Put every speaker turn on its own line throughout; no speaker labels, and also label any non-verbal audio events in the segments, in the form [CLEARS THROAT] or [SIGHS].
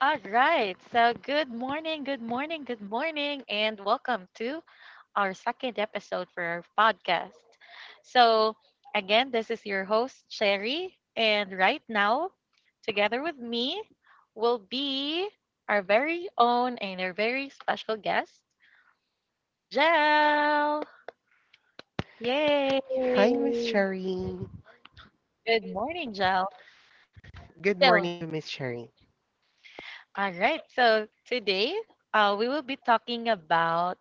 All right. So, good morning, good morning, good morning, and welcome to our second episode for our podcast. So, again, this is your host, Cherry, and right now, together with me, will be our very own and our very special guest, Jel. Yay!
Hi, Miss Cherry.
Good morning, Jel.
Good
So,
morning, Miss Cherry.
all right. So, today, we will be talking about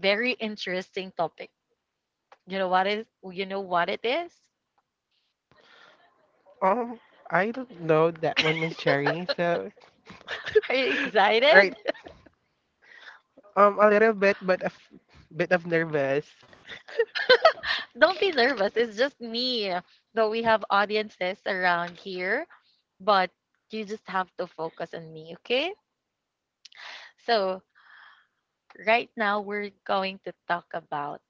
very interesting topic. You know what is you know what it is?
Um, I don't know that one, Miss Cherry. So,
[LAUGHS] Are you
[LAUGHS] right.
excited?
A little bit, but a bit of nervous.
[LAUGHS] Don't be nervous. It's just me. Though we have audiences around here, but you just have to focus on me, okay? So, right now we're going to talk about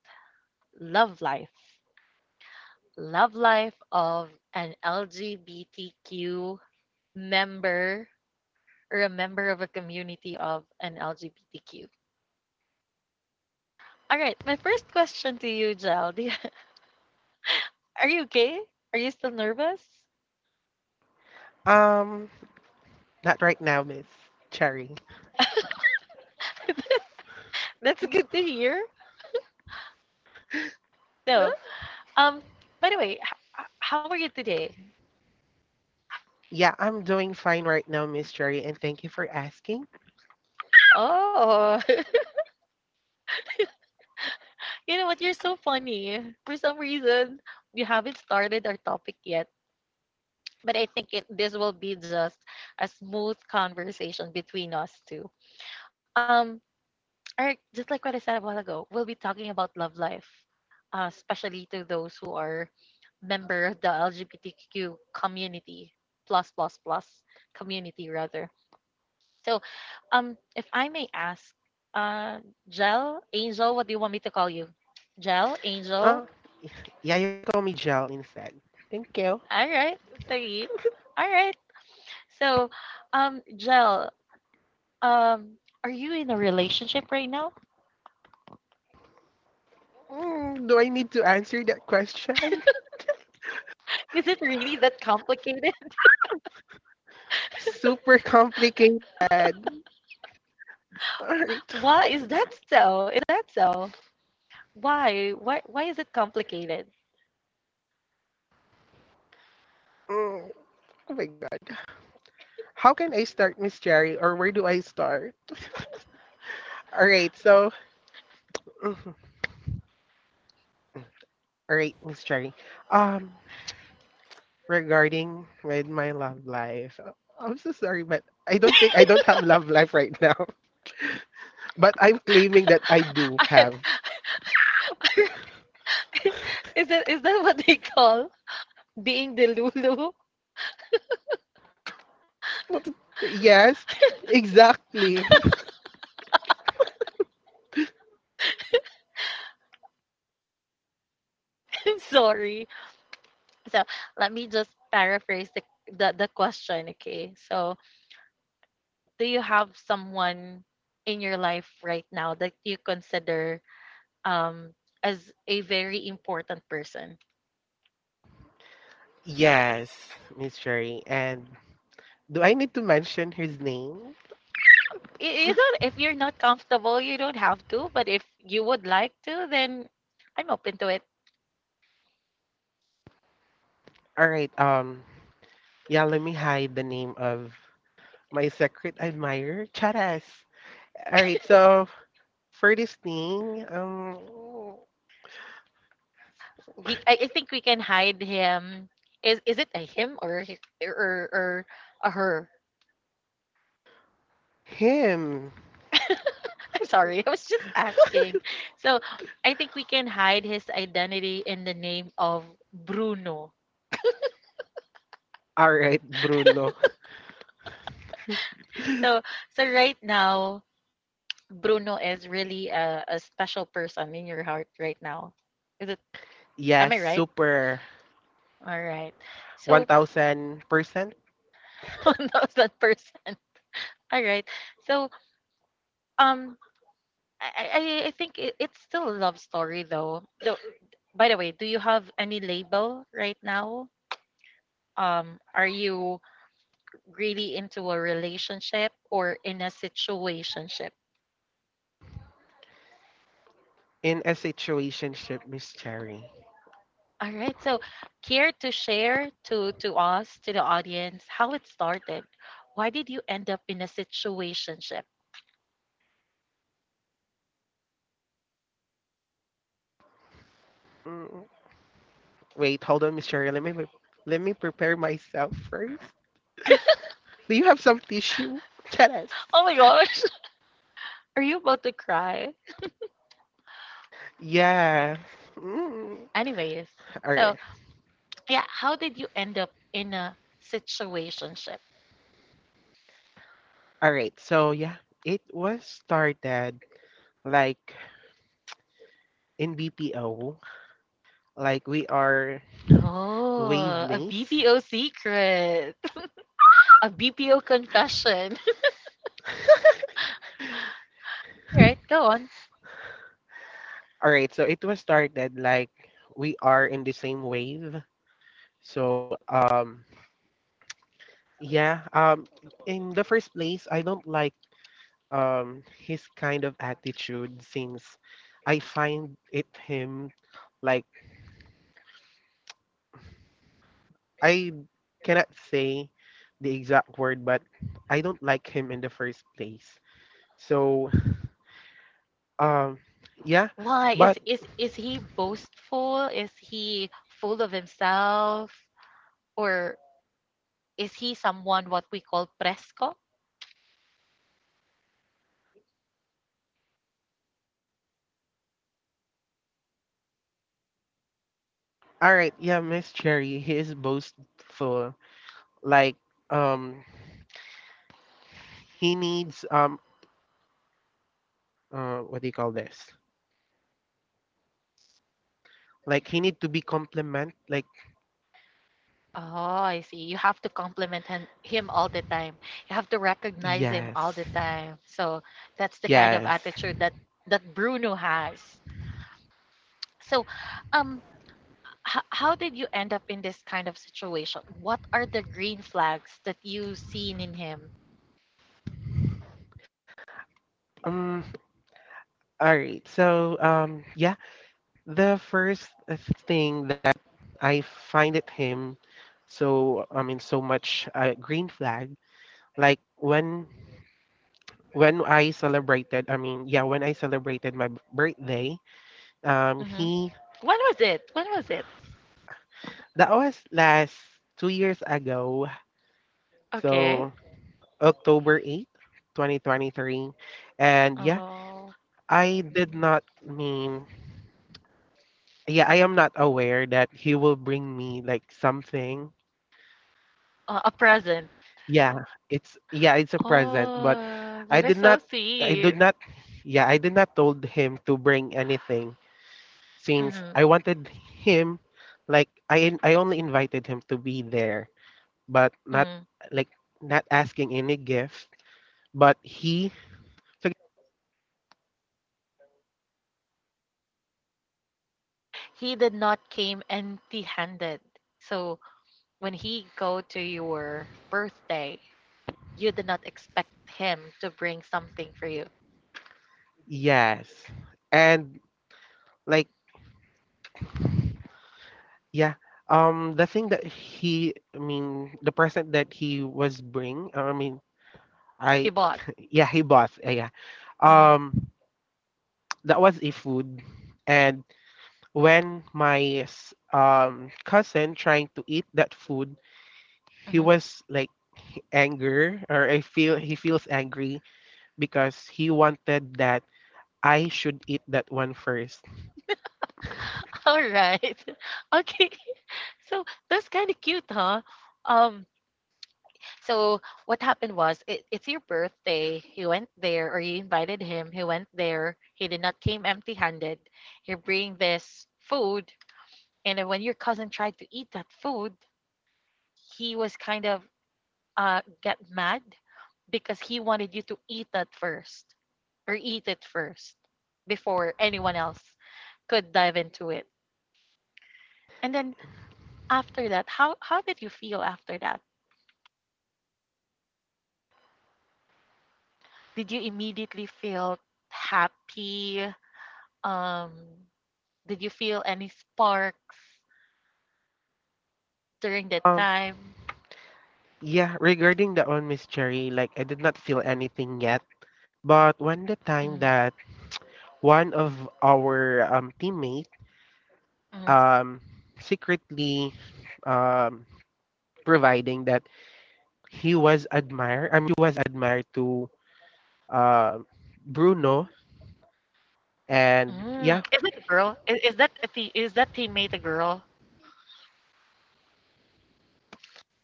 love life. Love life of an LGBTQ member, or a member of a community of an LGBTQ. All right, my first question to you, Jel. [LAUGHS] Are you okay? Are you still nervous?
Um, not right now, Miss Cherry.
That's good to hear.
Uh,
No. Um. By the way, how are you today?
Yeah, I'm doing fine right now, Miss Cherry, and thank you for asking.
Oh, [LAUGHS] you know what? You're so funny. For some reason, we haven't started our topic yet, but I think it this will be just a smooth conversation between us two. Um. All right. Just like what I said a while ago, we'll be talking about love life, especially to those who are member of the LGBTQ community, plus plus plus community rather. So, if I may ask, uh, Gel, Angel, what do you want me to call you? Gel, Angel.
Uh, yeah, you can call me Jel instead. Thank you.
All right, sorry. All right. So, Gel, um, are you in a relationship right now?
Mm, do I need to answer that question?
Is it really that complicated?
Super complicated. [LAUGHS] All
[LAUGHS]
right.
Why is that so? Is that so? Why? Why? Why is it complicated?
Mm, oh my How can I start, Miss Cherry, or where do I start? All right, [LAUGHS] all right, Miss Cherry. Um, Regarding with my love life, I'm so sorry, but I don't have love life right now. [LAUGHS] But I'm claiming that I do
[LAUGHS] Alright,
have.
alright. is that what they call being the Lulu?
Yes, exactly.
[LAUGHS] I'm sorry. So let me just paraphrase the question, okay? So do you have someone in your life right now that you consider um as a very important person?
Yes, Miss Cherry. And do I need to mention his name?
You don't, if you're not comfortable, you don't have to, but if you would like to, then I'm open to it.
All right. Yeah, let me hide the name of my secret admirer, Charas. All right. So for this thing,
I think we can hide him. Is it a him, or a or or a her?
him.
I'm sorry. [LAUGHS] I was just asking. So I think we can hide his identity in the name of Bruno.
All right, Bruno.
So so right now, Bruno is really a special person in your heart right now. Is it? Am
Yes,
I right?
super.
All right. So
1000%.
[LAUGHS] who knows that person. All right. So um, I think it's still a love story though. Though, by the way, do you have any label right now? Are you really into a relationship or in a situationship.
In a situationship, Miss Cherry.
All right. So, care to share to us, to the audience, how it started? Why did you end up in a situationship?
Mm, wait, hold on, Miss Cherry. Let me prepare myself first. Do you have some tissue? [LAUGHS] Yes.
[LAUGHS] Oh my gosh, [LAUGHS] are you about to cry?
Yeah. Mm.
Anyways,
All right.
so yeah, how did you end up in a situationship?
All right. So yeah, it was started like in BPO, like we are wave
Oh, a
mates.
BPO secret, [LAUGHS] a BPO confession. [LAUGHS] Right? Go on.
All right, so it was started like we are in the same wave. So um yeah, um in the first place, I don't like his kind of attitude since I find it him like I cannot say the exact word, but I don't like him in the first place. So um yeah,
Why
but
is is he boastful? Is he full of himself? Or is he someone what we call fresco?
all right, yeah, Miss Cherry, he is boastful. Like um he needs what do you call this? Like he need to be compliment like
Oh, I see. You have to compliment him all the time. You have to recognize him all the
yes.
time. So that's the kind of
Yes.
attitude that Bruno has. So, um, how did you end up in this kind of situation? What are the green flags that you seen in him?
Um all right. So the first thing that I find at him so I mean so much green flag like when I celebrated when I celebrated my birthday
Hmm.
he
When was it? When was it?
that was last 2 years ago,
Okay.
so October 8th 2023. And yeah,
Oh.
I did not mean, yeah, I am not aware that he will bring me like something.
A present.
Yeah, yeah, it's a present, but
Oh,
I
that is
did
so
not I did
sweet.
not yeah, I did not told him to bring anything since
Hmm.
I wanted him like I only invited him to be there, but not
Mm.
like not asking any gift, but he so
He did not came empty-handed. So when he go to your birthday, you did not expect him to bring something for you.
yes. And like yeah. The thing that he, I mean, the present that he was bring, I mean,
He
I,
bought.
[LAUGHS] yeah, he bought, yeah.
Hmm.
Um, that was a food, and when my cousin trying to eat that food, he
Hmm.
was like anger, or I feel he feels angry because he wanted that I should eat that one first.
All right. [LAUGHS] Okay. So that's kind of cute, huh? Um, so what happened was, it, it's your birthday. You went there, or you invited him. He went there. He did not came empty-handed. You bring this food, and then when your cousin tried to eat that food, he was kind of get mad because he wanted you to eat that first, or eat it first before anyone else could dive into it. And then after that, how did you feel after that? Did you immediately feel happy? Um, Did you feel any sparks during that
Um,
time?
yeah, regarding that one, Miss Cherry, like I did not feel anything yet, but when the
Mm,
time that one of our teammate
mm,
um, secretly um, providing that he was admired. I mean, he was admired to uh, Bruno, and
mm.
yeah,
Is it a girl? Is that a is that teammate a girl?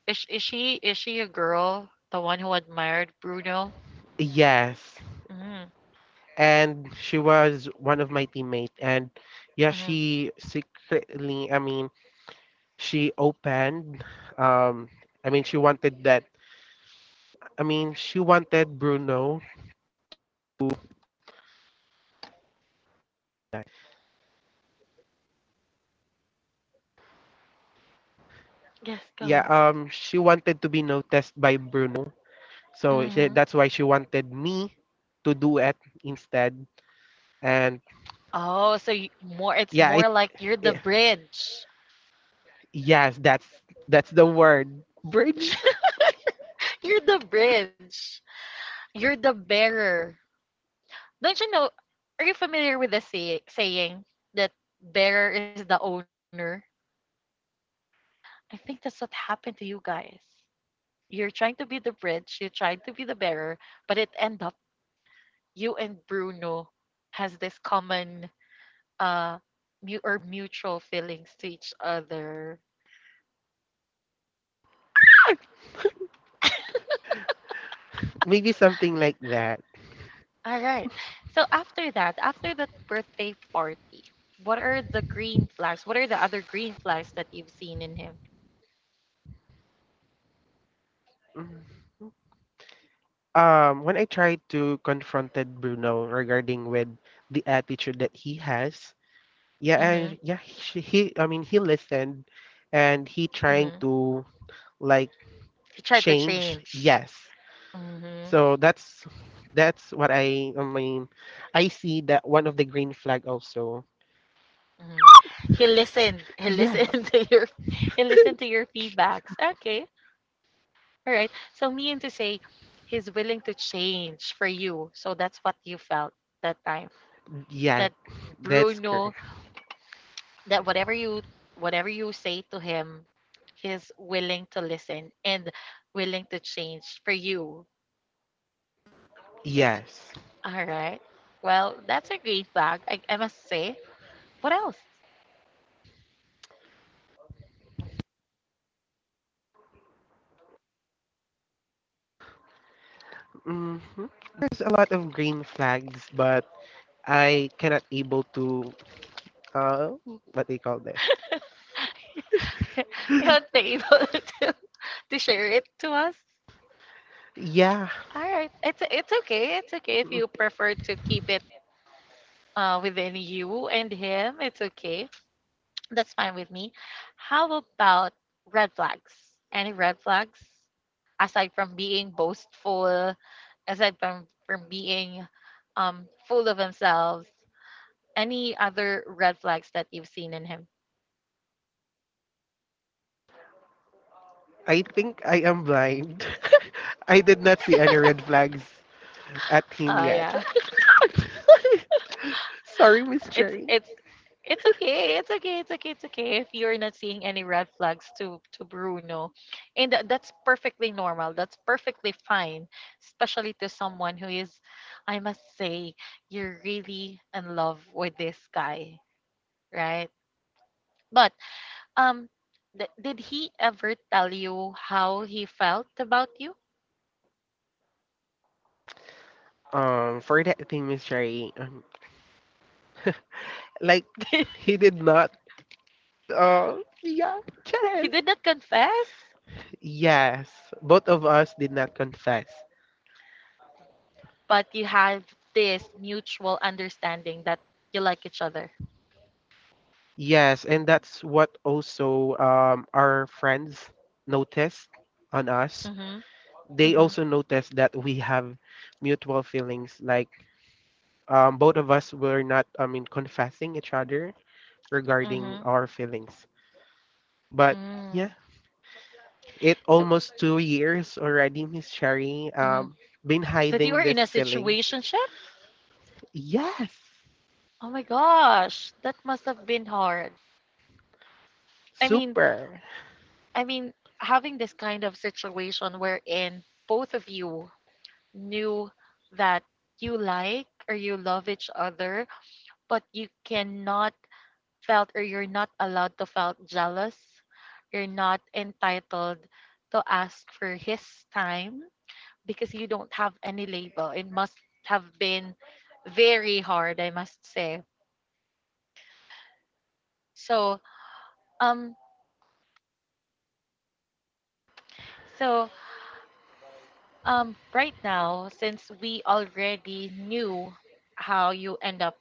Is is she a girl? The one who admired Bruno?
yes,
Mm,
and she was one of my teammate, and yeah,
mm.
she secretly. I mean, she opened. Um, I mean, she wanted that. I mean, she wanted Bruno.
Yes, go
Yeah,
on.
she wanted to be noticed by Bruno. So
Mm-hmm.
she, that's why she wanted me to do it instead. And
Oh, so you, more it's
yeah,
more
it,
like you're the
it
bridge.
yes, that's the word bridge.
You're the bridge. You're the bearer. Don't you know? Are you familiar with the saying that bearer is the owner? I think that's what happened to you guys. You're trying to be the bridge, you tried to be the bearer, but it end up you and Bruno has this common uh or mutual feelings to each other.
[LAUGHS] Maybe something like that.
All right. So after that birthday party, what are the green flags? What are the other green flags that you've seen in him?
When I tried to confronted Bruno regarding with the attitude that he has, yeah,
Mhm.
yeah, I mean, he listened, and he trying
Mhm.
to like
He tried to
change.
change.
Yes,
Mhm.
so that's what I mean. I see that one of the green flag also.
Mhm. He listened. He
Yes.
listened [LAUGHS] to your he listened to your feedbacks. Okay, all right. So meaning to say he's willing to change for you. So that's what you felt that time.
Yeah,
That
that's
Bruno,
correct.
that whatever you say to him, he's willing to listen and willing to change for you.
Yes.
All right. Well, that's a green flag, I must say. What else?
hmm There's a lot of green flags, but I cannot able to uh what they call this.
[LAUGHS] you haven't been able [LAUGHS] to share it to us.
Yeah,
All right. It's okay. It's okay if
mm,
you prefer to keep it within you and him. It's okay. That's fine with me. How about red flags? Any red flags? Aside from being boastful, aside from, being full of themselves, any other red flags that you've seen in him?
I think I am blind. [LAUGHS] I did not see any red flags at him yet.
Yeah.
[LAUGHS] Sorry, Miss
It's
Cherry.
it's it's okay. It's okay. It's okay. It's okay if you're not seeing any red flags to Bruno. And that's perfectly normal. That's perfectly fine, especially to someone who is I must say you're really in love with this guy, right? But um did he ever tell you how he felt about you?
For that thing, Miss Cherry, like
[LAUGHS]
he did not. Uh, yeah,
He
Charles.
did not confess,
Yes, both of us did not confess.
but you have this mutual understanding that you like each other.
Yes, and that's what also our friends noticed on us.
Mm-hmm.
They
Mm-hmm.
also noticed that we have mutual feelings. Like both of us were not, I mean, confessing each other regarding
Mhm.
our feelings. But yeah,
Mm.
it
So,
almost 2 years already, Miss Sherry.
mhm.
Been
That you were
hiding
in
these
a
feelings.
situationship?
Yes,
Oh my gosh, that must have been hard. I mean,
super.
I mean, having this kind of situation wherein both of you knew that you like or you love each other, but you cannot felt or you're not allowed to felt jealous. You're not entitled to ask for his time because you don't have any label. It must have been very hard, I must say. So, um, so right now, since we already knew how you end up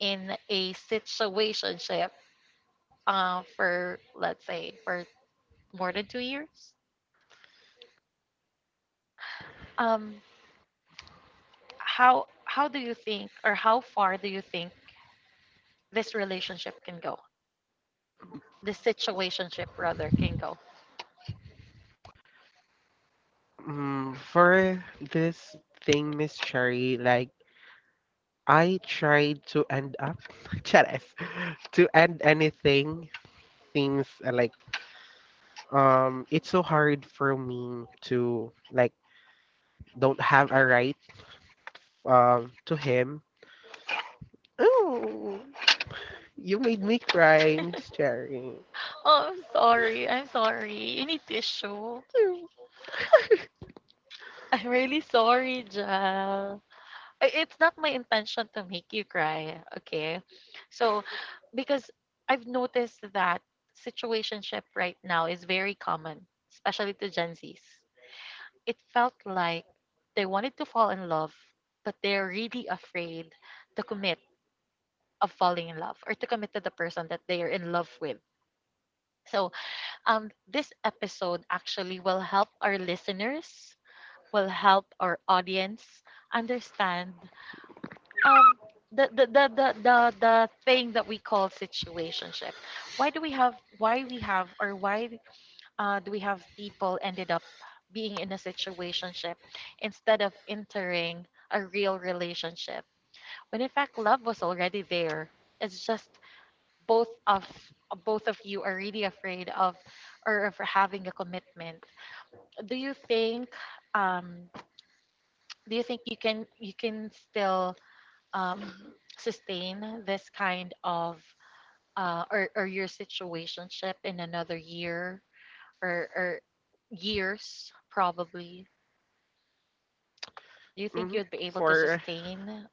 in a situationship, for let's say for more than 2 years, um, how do you think, or how far do you think this relationship can go? This situationship rather can go.
Mm, for this thing, Miss Cherry, like I tried to end up [LAUGHS] Charas. To end anything seems like it's so hard for me to like don't have a right to him. Oh, you made me cry, Miss Cherry.
Oh, I'm sorry. I'm sorry. You need tissue.
Ew.
[LAUGHS] I'm really sorry, Jal. I- It's not my intention to make you cry, okay? So, because I've noticed that situationship right now is very common, especially to Gen Zs. It felt like they wanted to fall in love, but they're really afraid to commit of falling in love or to commit to the person that they are in love with. So this episode actually will help our listeners, will help our audience understand um, the thing that we call situationship. Why do we have, why we have, or why do we have people ended up being in a situationship instead of entering a real relationship when in fact love was already there? It's just both of both of you are really afraid of or of having a commitment. Do you think um do you think you can still um sustain this kind of or your situationship in another year or years probably. Do you think
Mhm.
you'd be able to
For
sustain?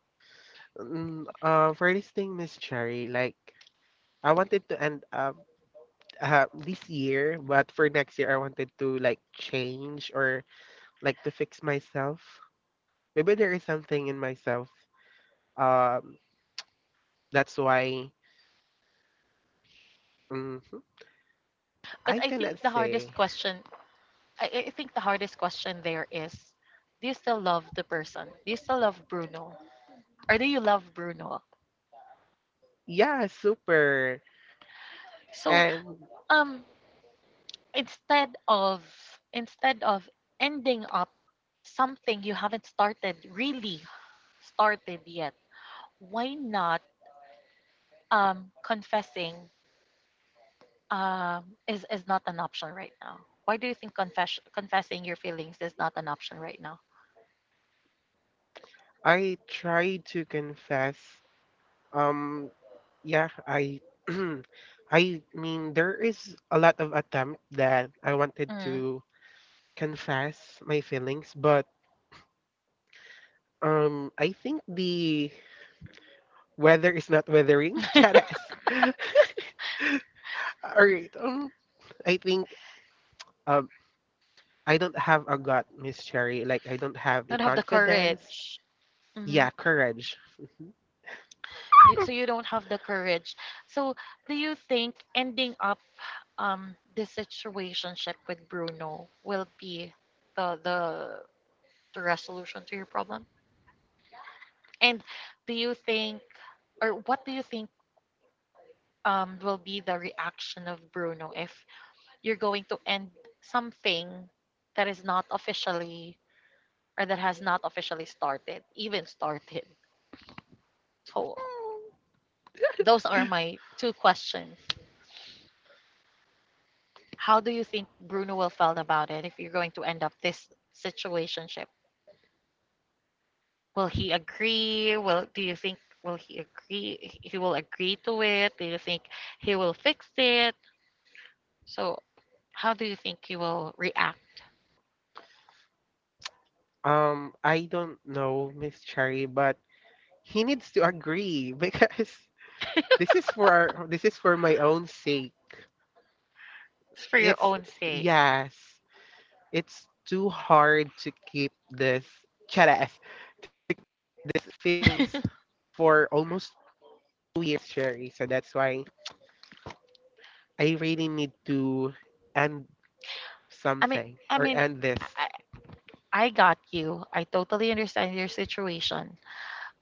for this thing, Miss Cherry, like I wanted to end up this year, but for next year, I wanted to like change or like to fix myself. Maybe there is something in myself. Um, that's why mhm,
but
I
i think
cannot
the hardest
say.
question i, I think the hardest question there is do you still love the person, do you still love bruno or do you love Bruno?
Yeah, super.
So
And
um instead of instead of ending up something you haven't started yet, why not confessing is not an option right now? Why do you think confessing your feelings is not an option right now?
I try to confess. Um, yeah, I. [CLEARS THROAT] I mean, there is a lot of attempt that I wanted
Mm.
to confess my feelings, but I think the weather is not weathering. [LAUGHS] Charas. All right. I think um, I don't have a gut, Miss Cherry. Like I don't have a
Don't have the
confidence.
courage.
Yeah,
Mhm.
courage.
You- So you don't have the courage. So do you think ending up this situationship with Bruno will be the the resolution to your problem? And do you think or what do you think will be the reaction of Bruno if you're going to end something that is not officially or that has not officially started, even started? So those are my two questions. How do you think Bruno will feel about it if you're going to end up this situationship? Will he agree? Will do you think will he agree? He will agree to it? Do you think he will fix it? So how do you think he will react?
I don't know, Miss Cherry, but he needs to agree because [LAUGHS] this is for my own sake.
Just for your
It's
own sake.
yes, it's too hard to keep this charas, these feelings for almost 2 weeks, Cherry. So that's why I really need to end something or
I mean,
end this.
I mean, I, I got you. I totally understand your situation.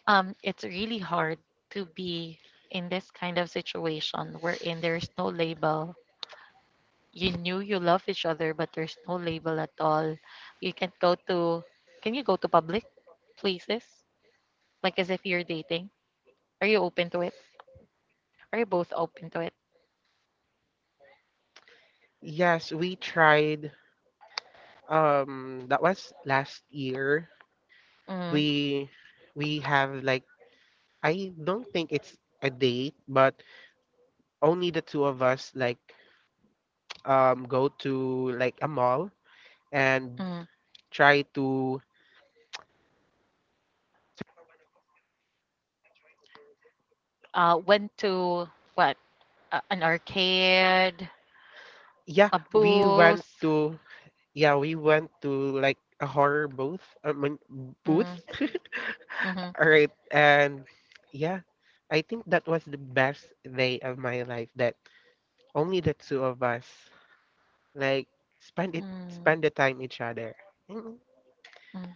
It's really hard to be in this kind of situation wherein there's no label. You knew you love each other, but there's no label at all. You can go to, can you go to public places? Like as if you're dating? Are you open to it? Are you both open to it?
Yes, we tried that was last year.
Mm,
We we have like I don't think it's a date, but only the two of us like go to like a mall and
mm.
try to
Went to what? An arcade,
yeah,
a
we went
booth.
to yeah, we went to like a horror booth. I mean, booth.
Mm,
[LAUGHS]
mm
All right, and yeah, I think that was the best day of my life. That only the two of us like
mm,
spend the time each other. Mm.
mm.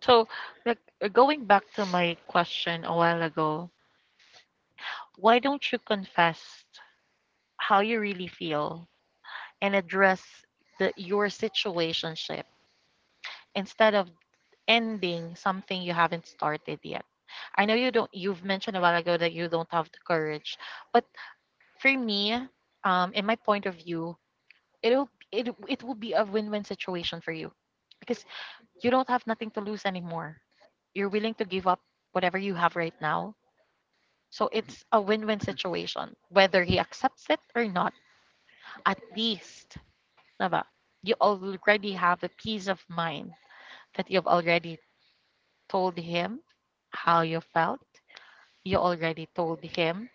So, like going back to my question a while ago, why don't you confess how you really feel and address the your situationship, instead of ending something you haven't started yet? I know you don't You've mentioned a while ago that you don't have the courage, but for me, in my point of view, it will be a win-win situation for you because you don't have nothing to lose anymore. You're willing to give up whatever you have right now. So it's a win-win situation whether he accepts it or not. At least, ba? You already have a peace of mind that you've already told him how you felt. You already told him,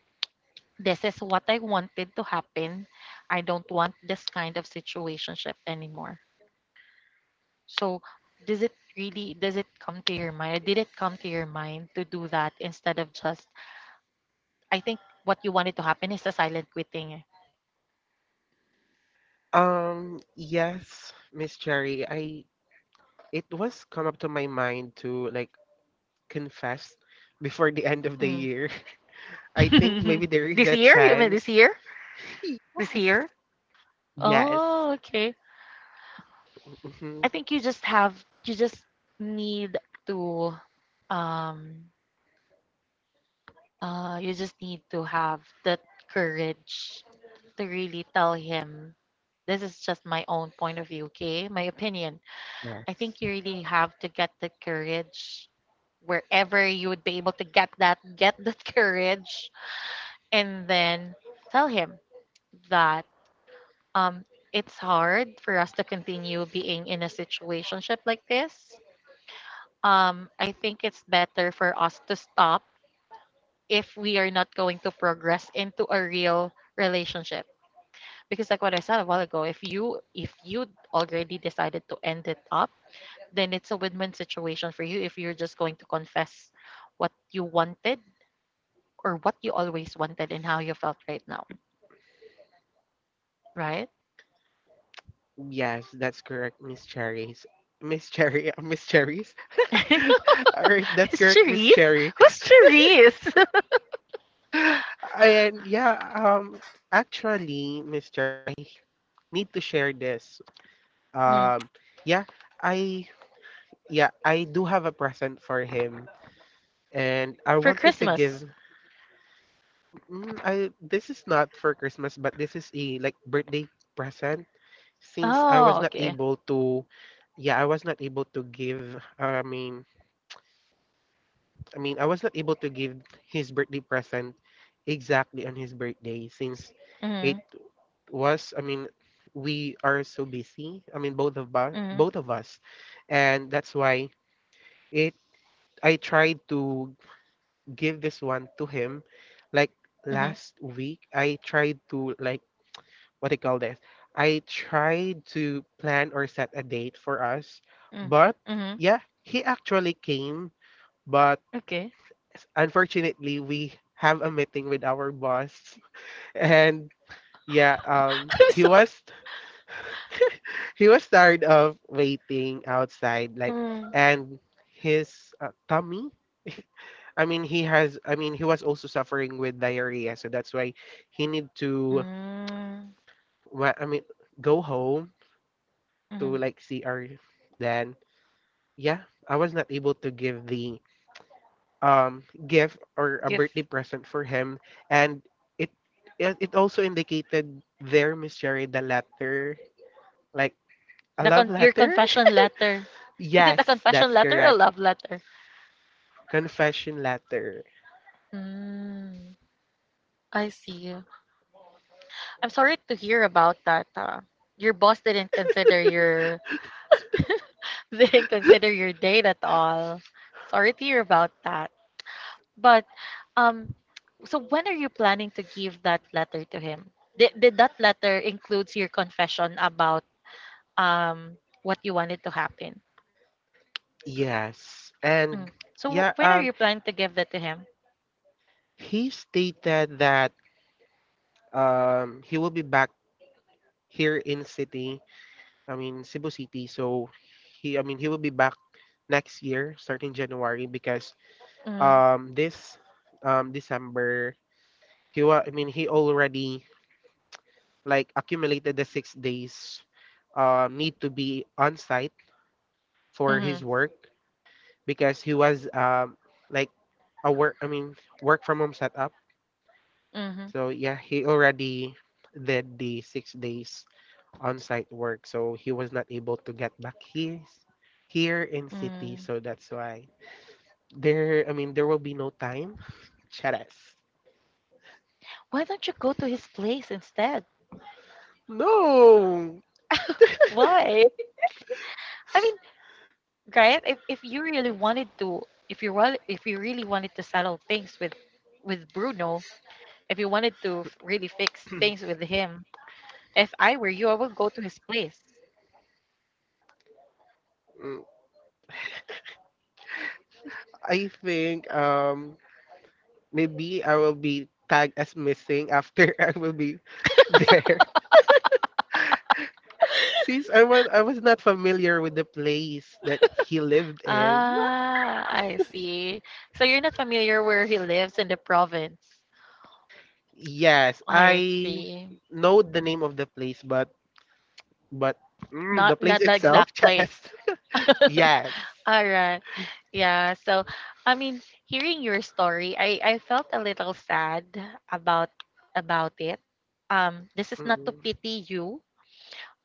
this is what I wanted to happen. I don't want this kind of situationship anymore. So, does it come to your mind? Did it come to your mind to do that instead of just I think what you wanted to happen is a silent quitting.
Yes, Miss Cherry, I it was come up to my mind to like confess before the end of the
Eh.
year. [LAUGHS] I think
Mm.
maybe
[LAUGHS]
there is
This
a
year? You mean
chance.
this year?
[LAUGHS]
This
Yes.
year?
Yes.
Oh, okay. I
Mhm.
think you just have you just need to um you just need to have that courage to really tell him, this is just my own point of view, okay? My opinion. I
Yes.
think you really have to get the courage wherever you would be able to get that [LAUGHS] courage, and then tell him that um, it's hard for us to continue being in a situationship like this. I think it's better for us to stop if we are not going to progress into a real relationship, because like what I said a while ago, if you already decided to end it up, then it's a win-win situation for you if you're just going to confess what you wanted, or what you always wanted and how you felt right now, right?
Yes, that's correct, Miss Cherries. Miss Cherry, [LAUGHS] Miss Cherries.
[LAUGHS]
[LAUGHS] All right, that's
It's
correct, Miss
Charisse.
Cherry.
Who's
[SIGHS]
Charisse? [LAUGHS]
[LAUGHS] And yeah, actually, Miss Cherry, need to share this.
Mhm.
Um, yeah, I yeah, I do have a present for him, and I
For
wanted to
Christmas?
give. Mm, I this is not for Christmas, but this is a like birthday present. Since I was
Oh,
not
okay.
able to, yeah, I was not able to give. I mean. I mean, I was not able to give his birthday present exactly on his birthday since it
Mm-hmm,
was, I mean, we are so busy. I mean,
mm-hmm,
both of us, and that's why it. I tried to give this one to him, like
mm-hmm,
last week. I tried to like what do call this. I tried to plan or set a date for us,
mm-hmm.
but
Mm-hmm.
yeah, he actually came, but
Okay.
unfortunately we have a meeting with our boss and yeah
[LAUGHS] I'm
he
so
was tired of waiting outside like
mm.
and his tummy I mean he has I mean he was also suffering with diarrhea, so that's why he need to
Mm.
wa- i mean go home to
Mhm.
like see our then yeah I was not able to give the gift or a
If
birthday present for him, and it it also indicated there, Miss Cherry, the letter, like a love
your
letter.
confession letter, is it a
Yes,
confession
that's
letter or a
correct.
love letter?
Confession letter.
Mm, I see. I'm sorry to hear about that. Your boss didn't consider your [LAUGHS] didn't consider your date at all. Sorry to hear about that. But um, so when are you planning to give that letter to him? Did that letter includes your confession about what you wanted to happen?
Yes, and
Mm. So
yeah,
when are you planning to give that to him?
he stated that he will be back here in city. I mean, Cebu City. So he, I mean, he will be back next year, starting January, because
Mm.
this December he I mean he already like accumulated the 6 days need to be on site for
Mhm,
his work because he was like a work I mean work from home setup.
mhm,
So yeah, he already did the 6 days on site work. So he was not able to get back his here in city.
mm.
So that's why there I mean there will be no time. [LAUGHS] Charas.
Why don't you go to his place instead?
No.
Why? I mean, right? If you really wanted to, if you really wanted to settle things with Bruno, if you wanted to really fix things with him, if I were you, I would go to his place.
Mm, I think maybe I will be tagged as missing after [LAUGHS] I will be there. Since I was not familiar with the place that he lived in. What?
Ah, I see. So you're not familiar where he lives in the province.
Yes,
I
I
see.
know the name of the place, but mm, the
Not
place
the
itself,
exact
[LAUGHS]
place.
yes, yes.
All right. Yeah. So, I mean, hearing your story, I felt a little sad about it. This is not to
Mm.
pity you,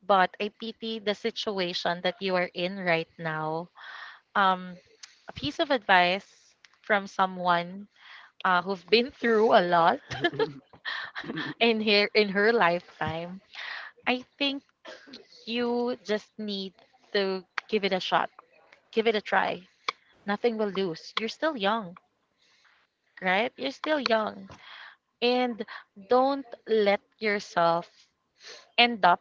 but I pity the situation that you are in right now. Um, a piece of advice from someone who've been through a lot [LAUGHS]
mm, [LAUGHS] [CLEARS THROAT]
in her lifetime. I think you just need to give it a shot, give it a try. Nothing will lose. You're still young, right? You're still young. And don't let yourself end up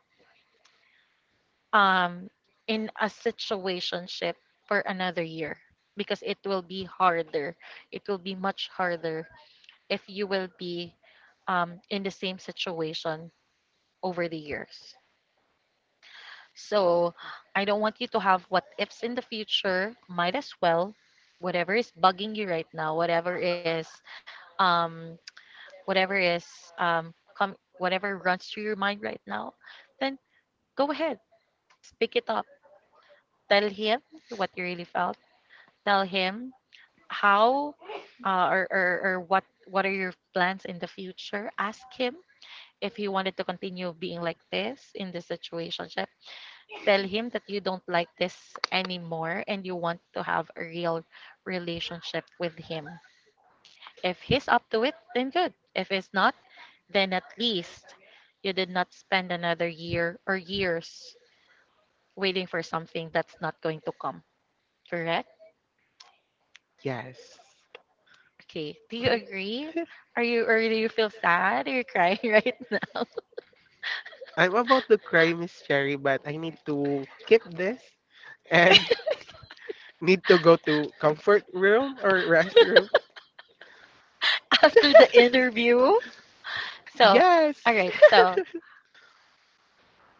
um, in a situationship for another year, because it will be harder. It will be much harder if you will be in the same situation over the years. So I don't want you to have what ifs in the future. Might as well, whatever is bugging you right now, um, whatever is come whatever runs through your mind right now, then go ahead, speak it up. Tell him what you really felt. Tell him how or what are your plans in the future. Ask him if he wanted to continue being like this in this situationship. Tell him that you don't like this anymore and you want to have a real relationship with him. If he's up to it, then good. If it's not, then at least you did not spend another year or years waiting for something that's not going to come. Correct?
Yes.
Okay. Do you agree? Are you or do you feel sad? Are you crying [LAUGHS] right
I'm about to cry, Miss Cherry, but I need to keep this and [LAUGHS] need to go to comfort room or restroom.
after the interview? So, all
Yes.
right. So,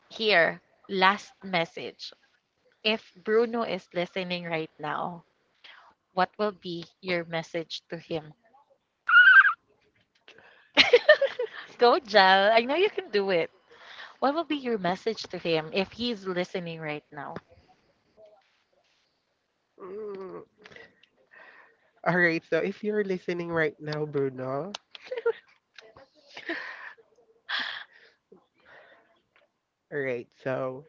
here, last message. If Bruno is listening right now, what will be your message to him? Go, Jal. I know you can do it. What will be your message to him if he's listening right now?
Mm, all right, so if you're listening right now, Bruno, all right, so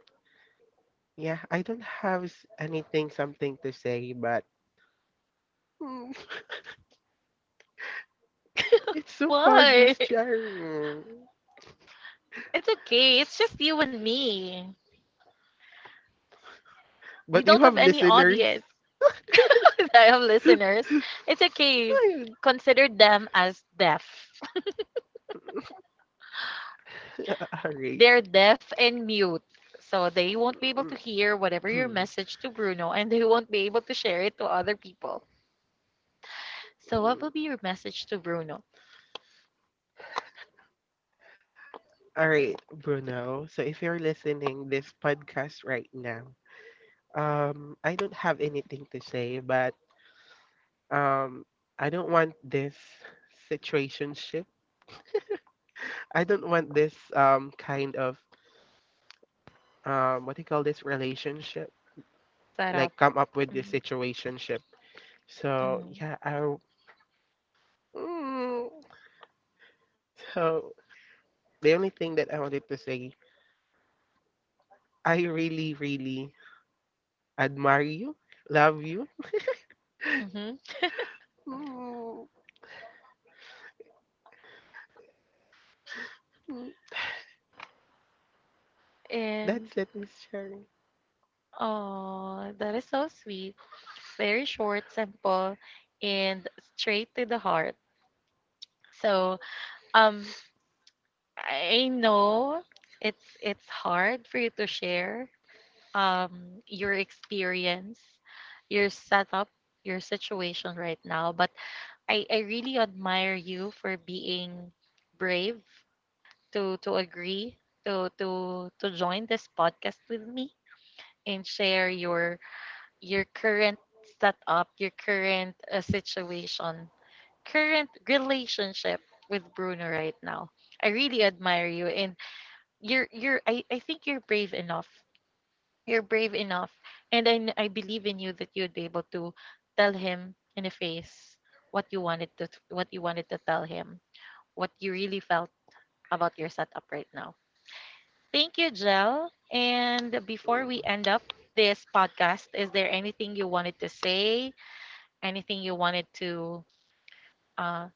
yeah, I don't have anything, something to say, but mm, [LAUGHS] it's so hard,
Why?
Miss [LAUGHS]
[LAUGHS]
Cherry. Mm.
It's okay. It's just you and me. We
But
don't
you
have
have
any
listeners.
audience. [LAUGHS] I have listeners. It's okay. Consider them as deaf.
[LAUGHS] All
[LAUGHS]
right.
They're deaf
[CLEARS THROAT]
and mute. So they won't be able to hear whatever your message to Bruno, and they won't be able to share it to other people. So what will be your message to Bruno?
All right, Bruno. So if you're listening this podcast right now, I don't have anything to say, but um I don't want this situationship. I don't want this kind of what do you call this relationship?
Shout out.
Like come up with this
Mm-hmm.
situationship. So
Mm-hmm.
yeah, mm, so the only thing that I wanted to say, I really, really admire you, love you.
Mm-hmm.
Mm, mm, That's
And
it, Miss Cherry.
Oh, that is so sweet. Very short, simple, and straight to the heart. So, um, I know it's hard for you to share your experience, your setup, your situation right now, but I really admire you for being brave to agree to join this podcast with me and share your current setup, your current situation, current relationship with Bruno right now. I really admire you, and I think you're brave enough. You're brave enough, and I believe in you that you'd be able to tell him in the face what you wanted to what you wanted to tell him, what you really felt about your setup right now. Thank you, Jel. And before
Mm.
we end up this podcast, is there anything you wanted to say? Anything you wanted to uh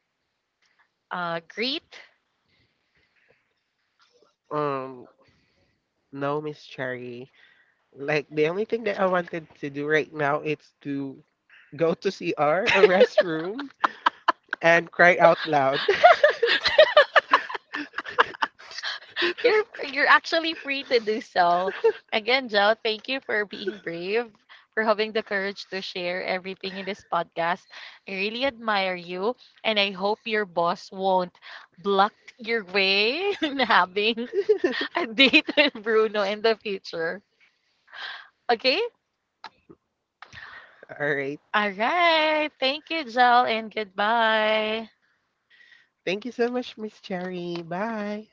greet?
Um, No, Miss Cherry. Like the only thing that I wanted to do right now is to go to CR or restroom and cry out loud.
You're you're actually free to do so. Again, Joe, thank you for being brave, for having the courage to share everything in this podcast. I really admire you, and I hope your boss won't block your way [LAUGHS] in
[LAUGHS]
having a date [LAUGHS] with Bruno in the future. Okay?
All right.
All right. Thank you, Joe, and goodbye.
Thank you so much, Miss Cherry. Bye.